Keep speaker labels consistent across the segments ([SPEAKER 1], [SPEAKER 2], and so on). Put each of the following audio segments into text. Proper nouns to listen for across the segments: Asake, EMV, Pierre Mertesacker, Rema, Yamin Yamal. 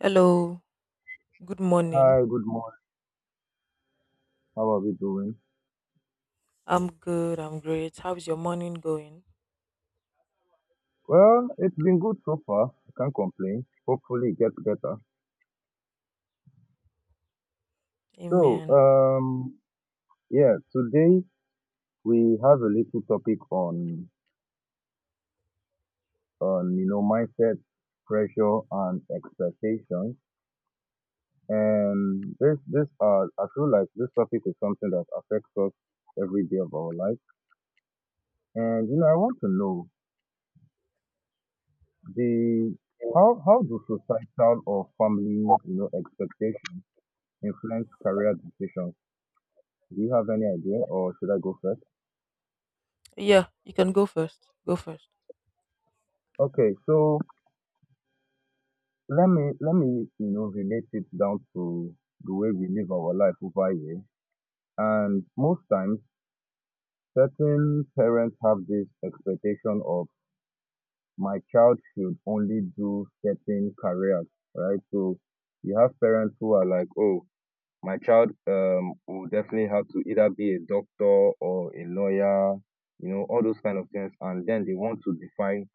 [SPEAKER 1] Hello, good morning.
[SPEAKER 2] Hi, good morning. How are we doing?
[SPEAKER 1] I'm good, I'm great. How's your morning going?
[SPEAKER 2] Well, it's been good so far. I can't complain. Hopefully it gets better. So,
[SPEAKER 1] Amen.
[SPEAKER 2] um, yeah, today we have a little topic on, you know, mindset, pressure and expectations. And this, I feel like this topic is something that affects us every day of our life. And, you know, I want to know the, how do societal or family, you know, expectations influence career decisions? Do you have any idea, or should I go first?
[SPEAKER 1] Yeah, you can go first. Go first.
[SPEAKER 2] Okay, so let me you know relate it down to the way we live our life over here. And most times, certain parents have this expectation of my child should only do certain careers, right? So you have parents who are like, oh, my child will definitely have to either be a doctor or a lawyer, you know, all those kind of things, and then they want to define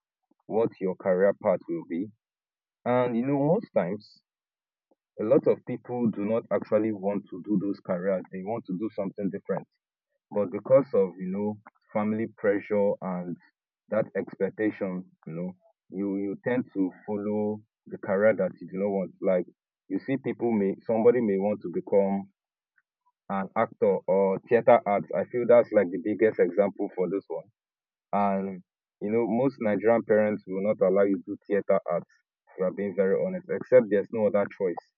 [SPEAKER 2] what your career path will be. And you know, most times, a lot of people do not actually want to do those careers. They want to do something different. But because of, you know, family pressure and that expectation, you know, you tend to follow the career that you do not want. Like, you see somebody may want to become an actor or theater arts. I feel that's like the biggest example for this one. And you know, most Nigerian parents will not allow you to do theater arts if you are being very honest, except there's no other choice,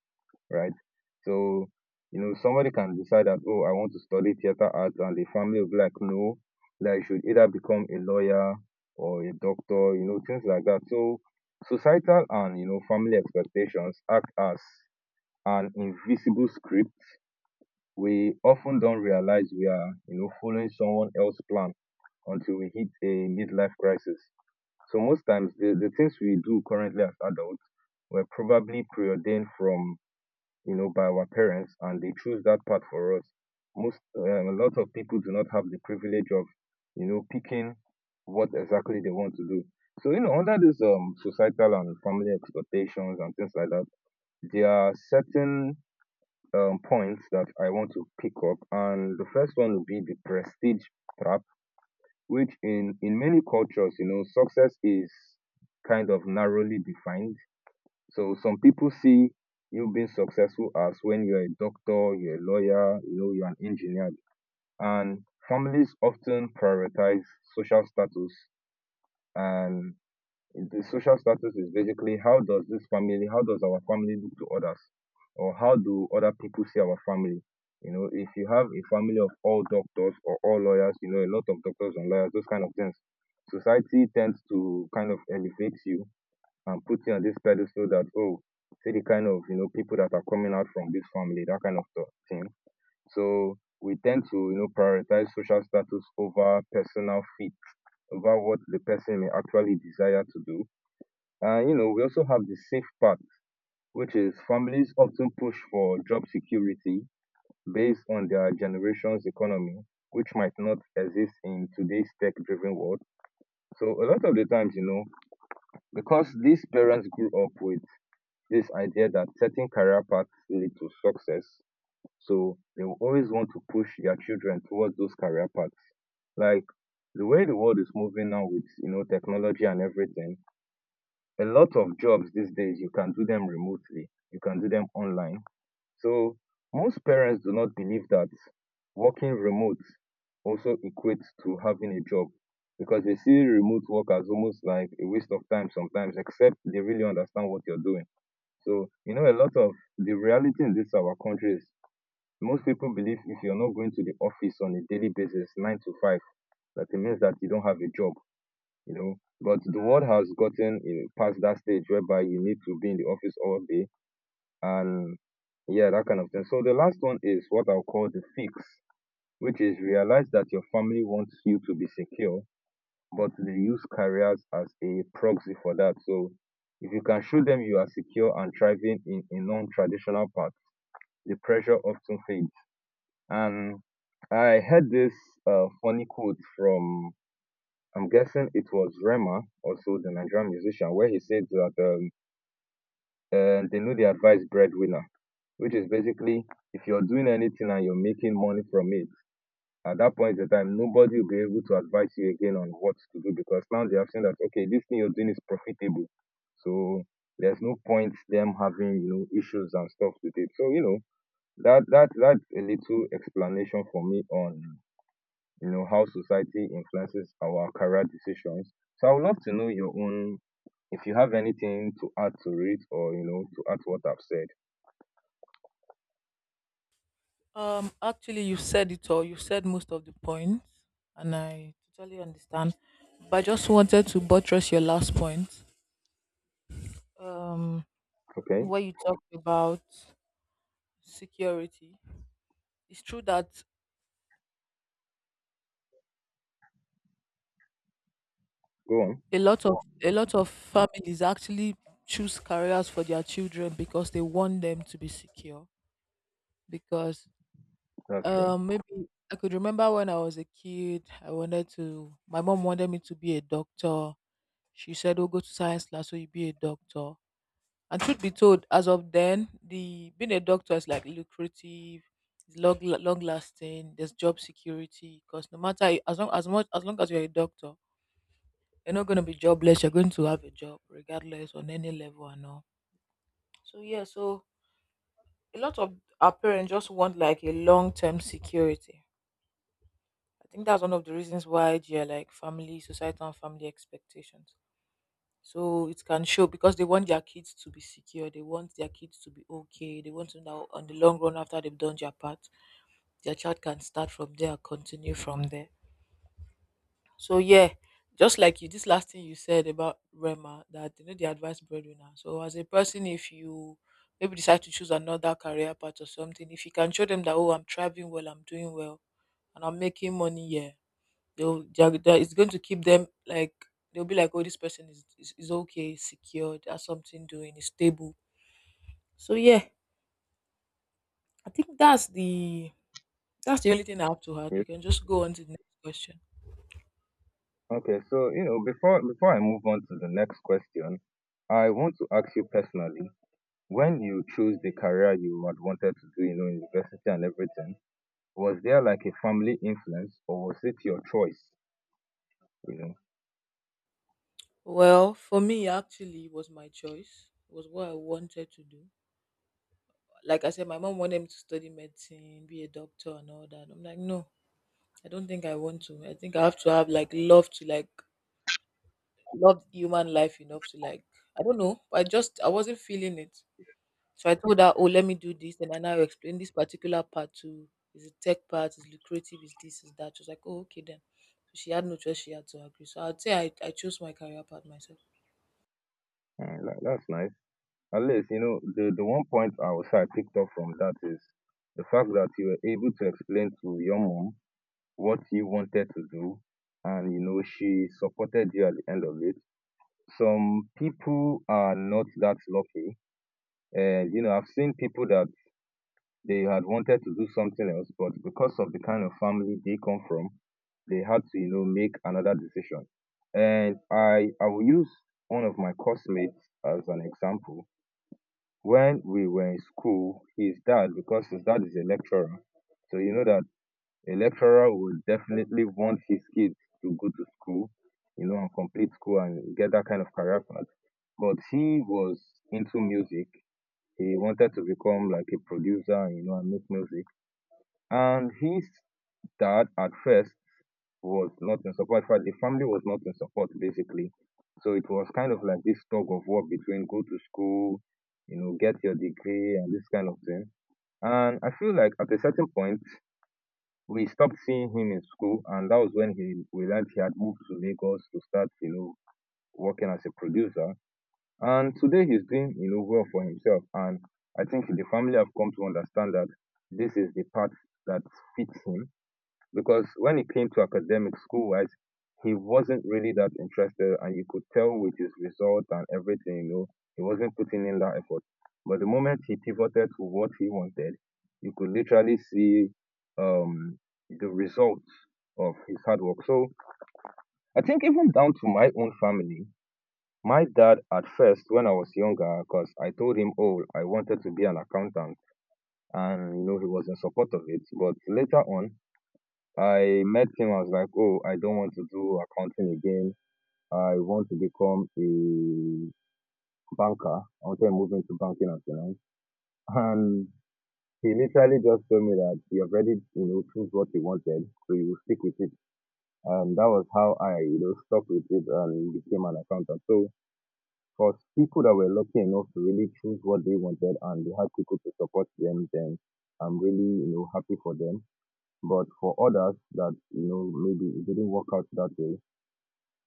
[SPEAKER 2] right? So you know, somebody can decide that, oh, I want to study theater arts, and the family will be like, no, that you should either become a lawyer or a doctor, you know, things like that. So societal and you know family expectations act as an invisible script. We often don't realize we are you know following someone else's plan until we hit a midlife crisis. So most times the things we do currently as adults were probably preordained from you know by our parents, and they choose that path for us. Most A lot of people do not have the privilege of you know picking what exactly they want to do. So you know, under these societal and family expectations and things like that, there are certain points that I want to pick up, and the first one would be the prestige trap, which in many cultures, you know, success is kind of narrowly defined. So some people see you being successful as when you're a doctor, you're a lawyer, you know, you're an engineer. And families often prioritize social status, and the social status is basically how does this family, how does our family look to others, or how do other people see our family? You know, if you have a family of all doctors or all lawyers, you know, a lot of doctors and lawyers, those kind of things, society tends to kind of elevate you and put you on this pedestal that, oh, see the kind of, you know, people that are coming out from this family, that kind of thing. So we tend to, you know, prioritize social status over personal fit, over what the person may actually desire to do. You know, we also have the safe part, which is families often push for job security based on their generation's economy, which might not exist in today's tech driven world. So, a lot of the times, you know, because these parents grew up with this idea that certain career paths lead to success, so they will always want to push their children towards those career paths. Like the way the world is moving now with, you know, technology and everything, a lot of jobs these days, you can do them remotely, you can do them online. So most parents do not believe that working remote also equates to having a job, because they see remote work as almost like a waste of time sometimes, except they really understand what you're doing. So you know, a lot of the reality in this our country is, most people believe if you're not going to the office on a daily basis nine to five, that it means that you don't have a job, you know. But the world has gotten in, past that stage whereby you need to be in the office all day. And yeah, that kind of thing. So the last one is what I'll call the fix, which is realize that your family wants you to be secure, but they use careers as a proxy for that. So if you can show them you are secure and thriving in a non-traditional path, the pressure often fades. And I heard this funny quote from, I'm guessing it was Rema, also the Nigerian musician, where he said that they know they advise breadwinner, which is basically, if you're doing anything and you're making money from it, at that point in time, nobody will be able to advise you again on what to do, because now they have seen that, okay, this thing you're doing is profitable. So there's no point them having, you know, issues and stuff with it. So, you know, that's a little explanation for me on you know, how society influences our career decisions. So I would love to know your own, if you have anything to add to it, or, you know, to add to what I've said.
[SPEAKER 1] Actually, you said it all. You said most of the points, and I totally understand. But I just wanted to buttress your last point. Um,
[SPEAKER 2] Okay,
[SPEAKER 1] where you talked about security. It's true that
[SPEAKER 2] go on.
[SPEAKER 1] a lot of a lot of families actually choose careers for their children because they want them to be secure. Because
[SPEAKER 2] That's true.
[SPEAKER 1] Maybe I could remember when I was a kid, I wanted to, my mom wanted me to be a doctor. She said, "Oh, go to science class so you be a doctor." And truth be told, as of then, the being a doctor is like lucrative, it's long, long lasting, there's job security. Because no matter, as long as much, as long as you're a doctor, you're not going to be jobless, you're going to have a job regardless on any level and all. So, yeah, so a lot of our parents just want like a long term security. I think that's one of the reasons why they are like family, societal, and family expectations. So it can show because they want their kids to be secure. They want their kids to be okay. They want to know on the long run after they've done their part, their child can start from there, continue from there. So yeah, just like you, this last thing you said about Rema, that you know the advice breadwinner. So as a person, if you maybe decide to choose another career path or something, if you can show them that oh, I'm thriving well, I'm doing well, and I'm making money, yeah, it's going to keep them like they'll be like, "Oh, this person is okay, secure, has something doing, is stable." So yeah, I think that's the only thing I have to add.
[SPEAKER 2] Yes.
[SPEAKER 1] You can just go on to the next question.
[SPEAKER 2] Okay, so, you know, before I move on to the next question, I want to ask you personally, when you chose the career you had wanted to do, you know, in university and everything, was there like a family influence or was it your choice? You know,
[SPEAKER 1] Well, for me, actually, it was my choice. It was what I wanted to do. Like I said, my mom wanted me to study medicine, be a doctor, and all that. I'm like, no, I don't think I want to. I think I have to have like love to like love human life enough to like I don't know. I just I wasn't feeling it. So I told her, "Oh, let me do this," and I now explained this particular part to is the tech part, is lucrative, is this, is that. She was like, "Oh, okay then." So she had no choice; she had to agree. So I'd say I chose my career path myself.
[SPEAKER 2] That's nice. At least, you know, the one point I picked up from that is the fact that you were able to explain to your mom what you wanted to do, and you know, she supported you at the end of it. Some people are not that lucky, and you know, I've seen people that they had wanted to do something else, but because of the kind of family they come from, they had to, you know, make another decision. And I will use one of my classmates as an example. When we were in school, his dad, because his dad is a lecturer, so you know that a lecturer would definitely want his kids to go to school, you know, and complete school and get that kind of career path. But he was into music. He wanted to become like a producer, you know, and make music. And his dad, at first, was not in support. In fact, the family was not in support basically. So it was kind of like this tug of war between go to school, you know, get your degree and this kind of thing. And I feel like at a certain point we stopped seeing him in school, and that was when he realized he had moved to Lagos to start, you know, working as a producer. And today he's doing, you know, well for himself. And I think the family have come to understand that this is the path that fits him, because when he came to academic school wise, he wasn't really that interested, and you could tell with his results and everything, you know, he wasn't putting in that effort. But the moment he pivoted to what he wanted, you could literally see um, the results of his hard work. So I think even down to my own family, my dad at first when I was younger, because I told him, oh, I wanted to be an accountant, and you know he was in support of it. But later on, I met him. I was like, oh, I don't want to do accounting again. I want to become a banker. I want to move into banking and finance. And he literally just told me that you have already, you know, choose what you wanted, so you will stick with it. And that was how I, you know, stuck with it and became an accountant. So for people that were lucky enough to really choose what they wanted and they had people to support them, then I'm really, you know, happy for them. But for others that, you know, maybe it didn't work out that way,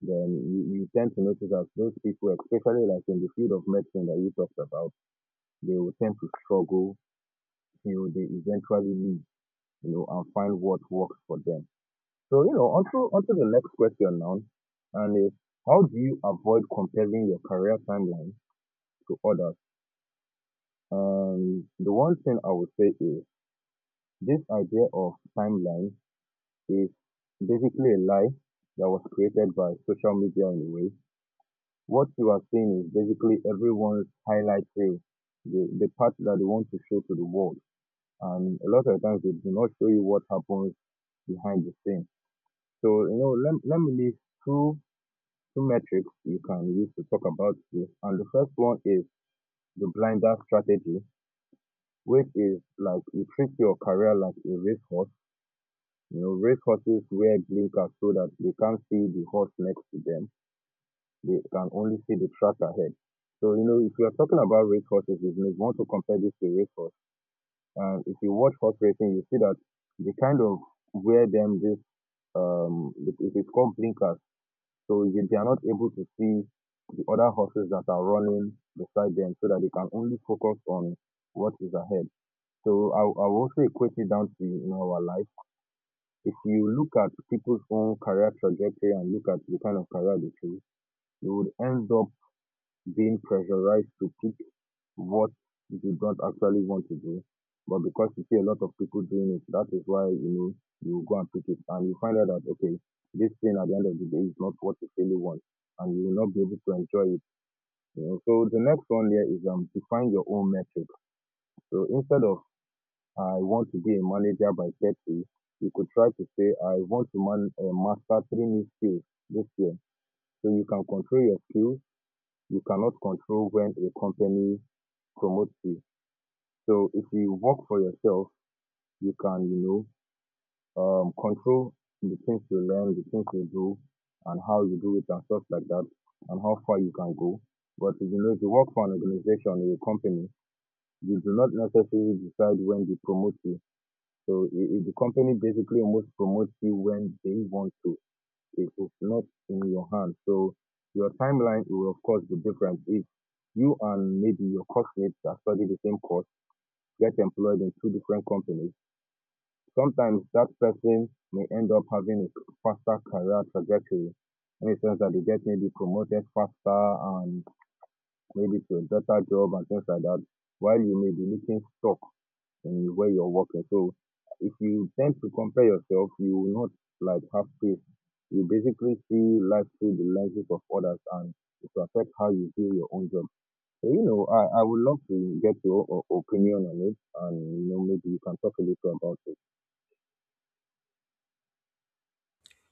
[SPEAKER 2] then you tend to notice that those people, especially like in the field of medicine that you talked about, they will tend to struggle till they eventually leave, you know, and find what works for them. So, you know, onto the next question now, and is how do you avoid comparing your career timeline to others? And the one thing I would say is this idea of timeline is basically a lie that was created by social media in a way. What you are seeing is basically everyone's highlight reel, the part that they want to show to the world. And a lot of times they do not show you what happens behind the scenes. So, you know, let me list two, two metrics you can use to talk about this. And the first one is the blinder strategy, which is like you treat your career like a racehorse. You know, racehorses wear blinkers so that they can't see the horse next to them, they can only see the track ahead. So, you know, if you are talking about race horses, if you want to compare this to race horse, and if you watch horse racing, you see that they kind of wear them this, it is called blinkers. So you, they are not able to see the other horses that are running beside them so that they can only focus on what is ahead. So I will also equate it down to, you know, our life. If you look at people's own career trajectory and look at the kind of career they choose, you would end up being pressurized to pick what you don't actually want to do, but because you see a lot of people doing it, that is why you know you go and pick it, and you find out that okay, this thing at the end of the day is not what you really want, and you will not be able to enjoy it. You know, so the next one here is define your own metric. So instead of I want to be a manager by 30, you could try to say I want to master three new skills this year. So you can control your skills. You cannot control when a company promote you. So if you work for yourself, you can, you know, control the things you learn, the things you do, and how you do it and stuff like that, and how far you can go. But if you know, if you work for an organization or a company, you do not necessarily decide when they promote you. So the company basically almost promotes you when they want to. It is not in your hand. So your timeline will of course be different. If you and maybe your classmates are studying the same course get employed in two different companies, sometimes that person may end up having a faster career trajectory in the sense that they get maybe promoted faster and maybe to a better job and things like that, while you may be looking stuck in where you're working. So if you tend to compare yourself, you will not like have peace. You basically see life through the lenses of others and it will affect how you view your own job. So, you know, I would love to get your opinion on it, and you know maybe you can talk a little about it.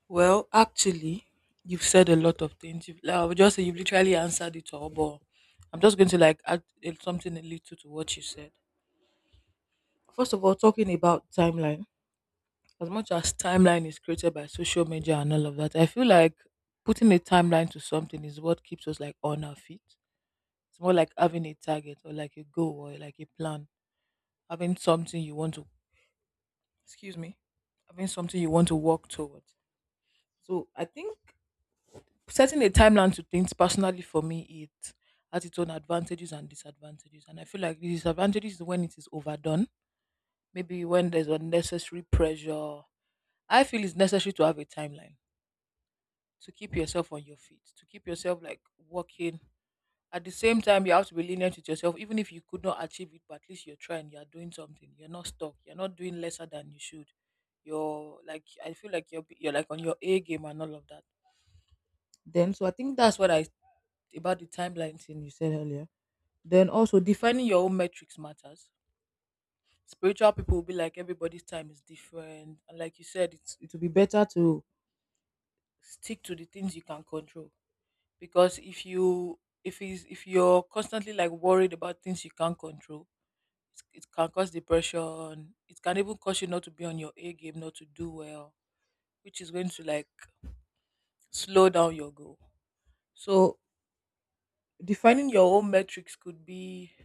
[SPEAKER 1] Well, actually, you've said a lot of things. You've, like, I would just say you've literally answered it all, but I'm just going to like add something a little to what you said. First of all, talking about timeline, as much as timeline is created by social media and all of that, I feel like putting a timeline to something is what keeps us like on our feet. It's more like having a target or like a goal or like a plan, having something you want to, excuse me, having something you want to work towards. So I think setting a timeline to things personally for me, it has its own advantages and disadvantages. And I feel like the disadvantages is when it is overdone, maybe when there's unnecessary pressure. I feel it's necessary to have a timeline to keep yourself on your feet, to keep yourself like working. At the same time, you have to be lenient with yourself, even if you could not achieve it, but at least you're trying, you're doing something, you're not stuck, you're not doing lesser than you should. You're like, I feel like you're like on your A game and all of that. Then, so I think that's what I about the timeline thing you said earlier. Then also defining your own metrics matters. Spiritual people will be like everybody's time is different, and like you said, it's it will be better to stick to the things you can control because if you're constantly like worried about things you can't control, it can cause depression. It can even cause you not to be on your A game, not to do well, which is going to like slow down your goal. So defining your own metrics could be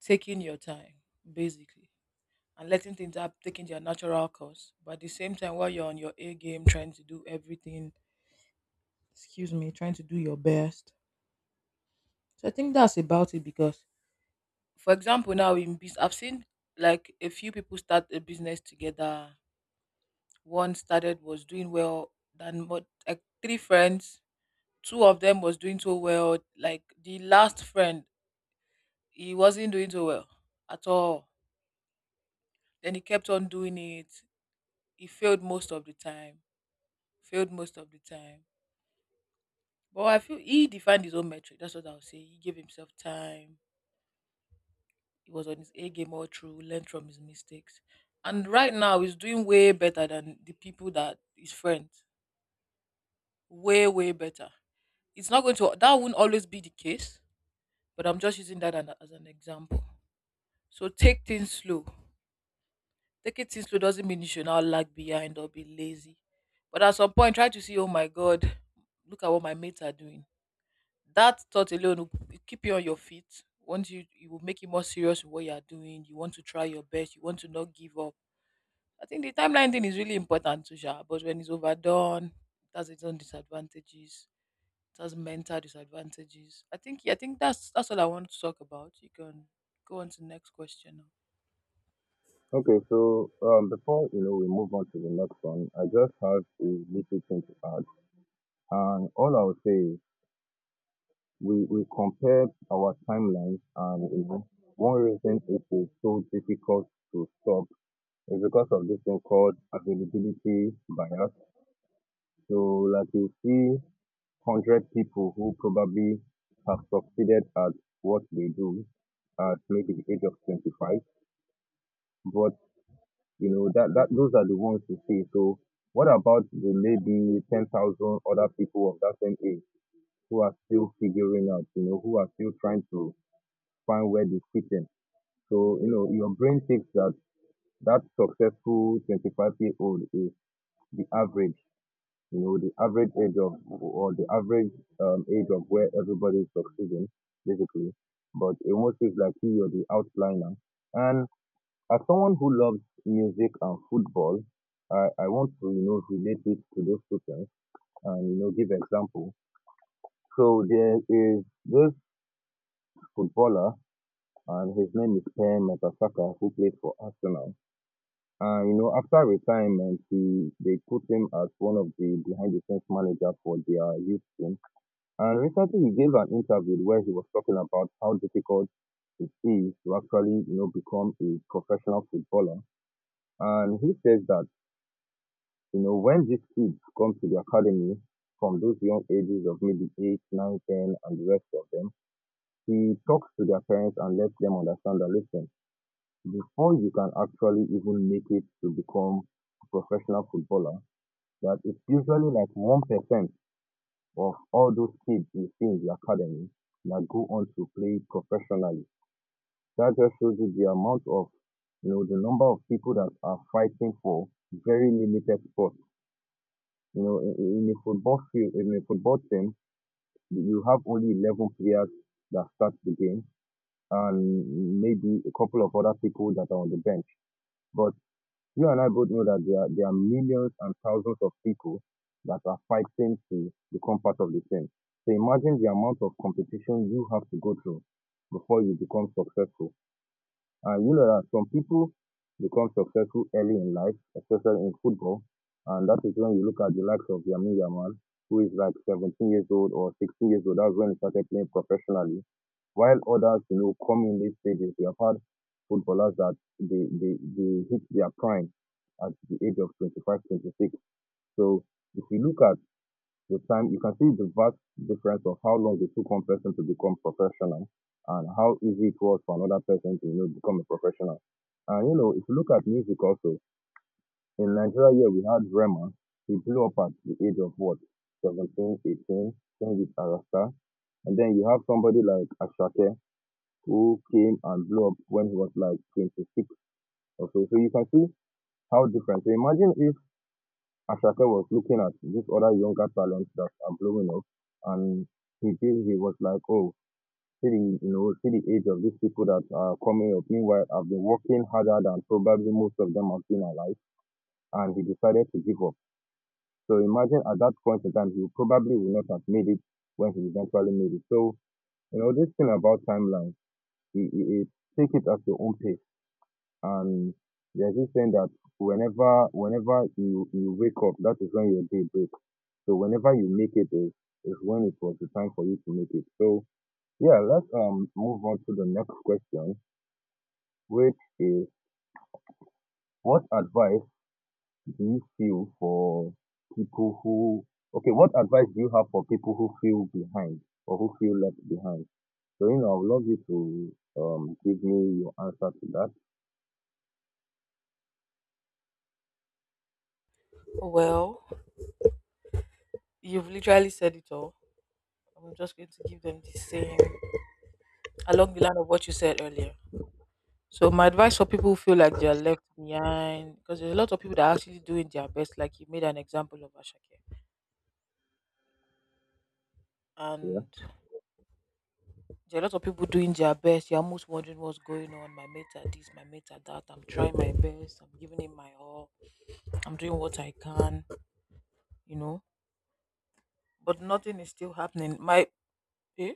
[SPEAKER 1] taking your time, basically, and letting things up taking their natural course. But at the same time, while you're on your A game, trying to do everything, excuse me, trying to do your best. So I think that's about it because, for example, now in business, I've seen like a few people start a business together, one started was doing well than what like three friends, two of them was doing so well like the last friend, he wasn't doing so well at all. Then he kept on doing it, he failed most of the time, failed most of the time, but I feel he defined his own metric. That's what I'll say. He gave himself time, he was on his A game all through, learned from his mistakes, and right now he's doing way better than the people that his friends, way, way better. It's not going to, that won't always be the case, but I'm just using that as an example. So take things slow. Taking things slow doesn't mean you should not lag behind or be lazy. But at some point, try to see, oh my God, look at what my mates are doing. That thought alone will keep you on your feet. Once you, it will make you more serious with what you are doing. You want to try your best. You want to not give up. I think the timeline thing is really important too, Sha, but when it's overdone, it has its own disadvantages. It has mental disadvantages. I think yeah, I think that's all I want to talk about. You can go on to the next question now.
[SPEAKER 2] Okay, so before you know we move on to the next one, I just have a little thing to add, and all I would say is we compared our timelines, and you know one reason it is so difficult to stop is because of this thing called availability bias. So like you see hundred people who probably have succeeded at what they do at maybe the age of 25. But you know that those are the ones you see. So what about the maybe 10,000 other people of that same age who are still figuring out, you know, who are still trying to find where they fit in? So you know your brain thinks that successful 25-year-old is the average. You know, the average age of, or the average age of where everybody is succeeding, basically. But it almost feels like he or the outliner. And as someone who loves music and football, I want to, you know, relate it to those two things and, you know, give example. So there is this footballer and his name is Pierre Mertesacker, who played for Arsenal. And you know, after retirement, he they put him as one of the behind the scenes manager for their youth team. And recently he gave an interview where he was talking about how difficult it is to actually, you know, become a professional footballer. And he says that, you know, when these kids come to the academy from those young ages of maybe 8, 9, 10, and the rest of them, he talks to their parents and lets them understand that, listen, before you can actually even make it to become a professional footballer, that it's usually like 1% of all those kids you see in the academy that go on to play professionally. That just shows you the amount of, you know, the number of people that are fighting for very limited spots. You know, in a football field, in a football team, you have only 11 players that start the game and maybe a couple of other people that are on the bench. But you and I both know that there are millions and thousands of people that are fighting to become part of the team. So imagine the amount of competition you have to go through before you become successful. And you know that some people become successful early in life, especially in football. And that is when you look at the likes of Yamin Yamal, who is like 17 years old or 16 years old. That's when he started playing professionally, while others, you know, come in late stages. We have had footballers that they hit their prime at the age of 25, 26. So if you look at the time, you can see the vast difference of how long it took one person to become professional and how easy it was for another person to, you know, become a professional. And you know, if you look at music also, in Nigeria here we had Rema. He blew up at the age of what, 17, 18, sing wit Arasta. And then you have somebody like Asake who came and blew up when he was like 26 or so. So you can see how different. So imagine if Ashake was looking at these other younger talents that are blowing up and he feels he was like, oh, see the, you know, see the age of these people that are coming up. Meanwhile, I've been working harder than probably most of them have been alive, and he decided to give up. So imagine at that point in time, he probably would not have made it when he eventually made it. So, you know, this thing about timeline, it take it at your own pace. And there's this saying that whenever you wake up, that is when your day breaks. So whenever you make it is when it was the time for you to make it. So yeah, let's move on to the next question, which is what advice do you feel for people who okay, what advice do you have for people who feel behind or who feel left behind? So you know, I would love you to give me your answer to that.
[SPEAKER 1] Well, you've literally said it all. I'm just going to give them the same along the line of what you said earlier. So my advice for people who feel like they are left behind, because there's a lot of people that are actually doing their best, like you made an example of Ashake.
[SPEAKER 2] Yeah.
[SPEAKER 1] And there are a lot of people doing their best. You're almost wondering what's going on. My mates are this, my mates are that. I'm trying my best. I'm giving it my all. I'm doing what I can, you know. But nothing is still happening. My eh?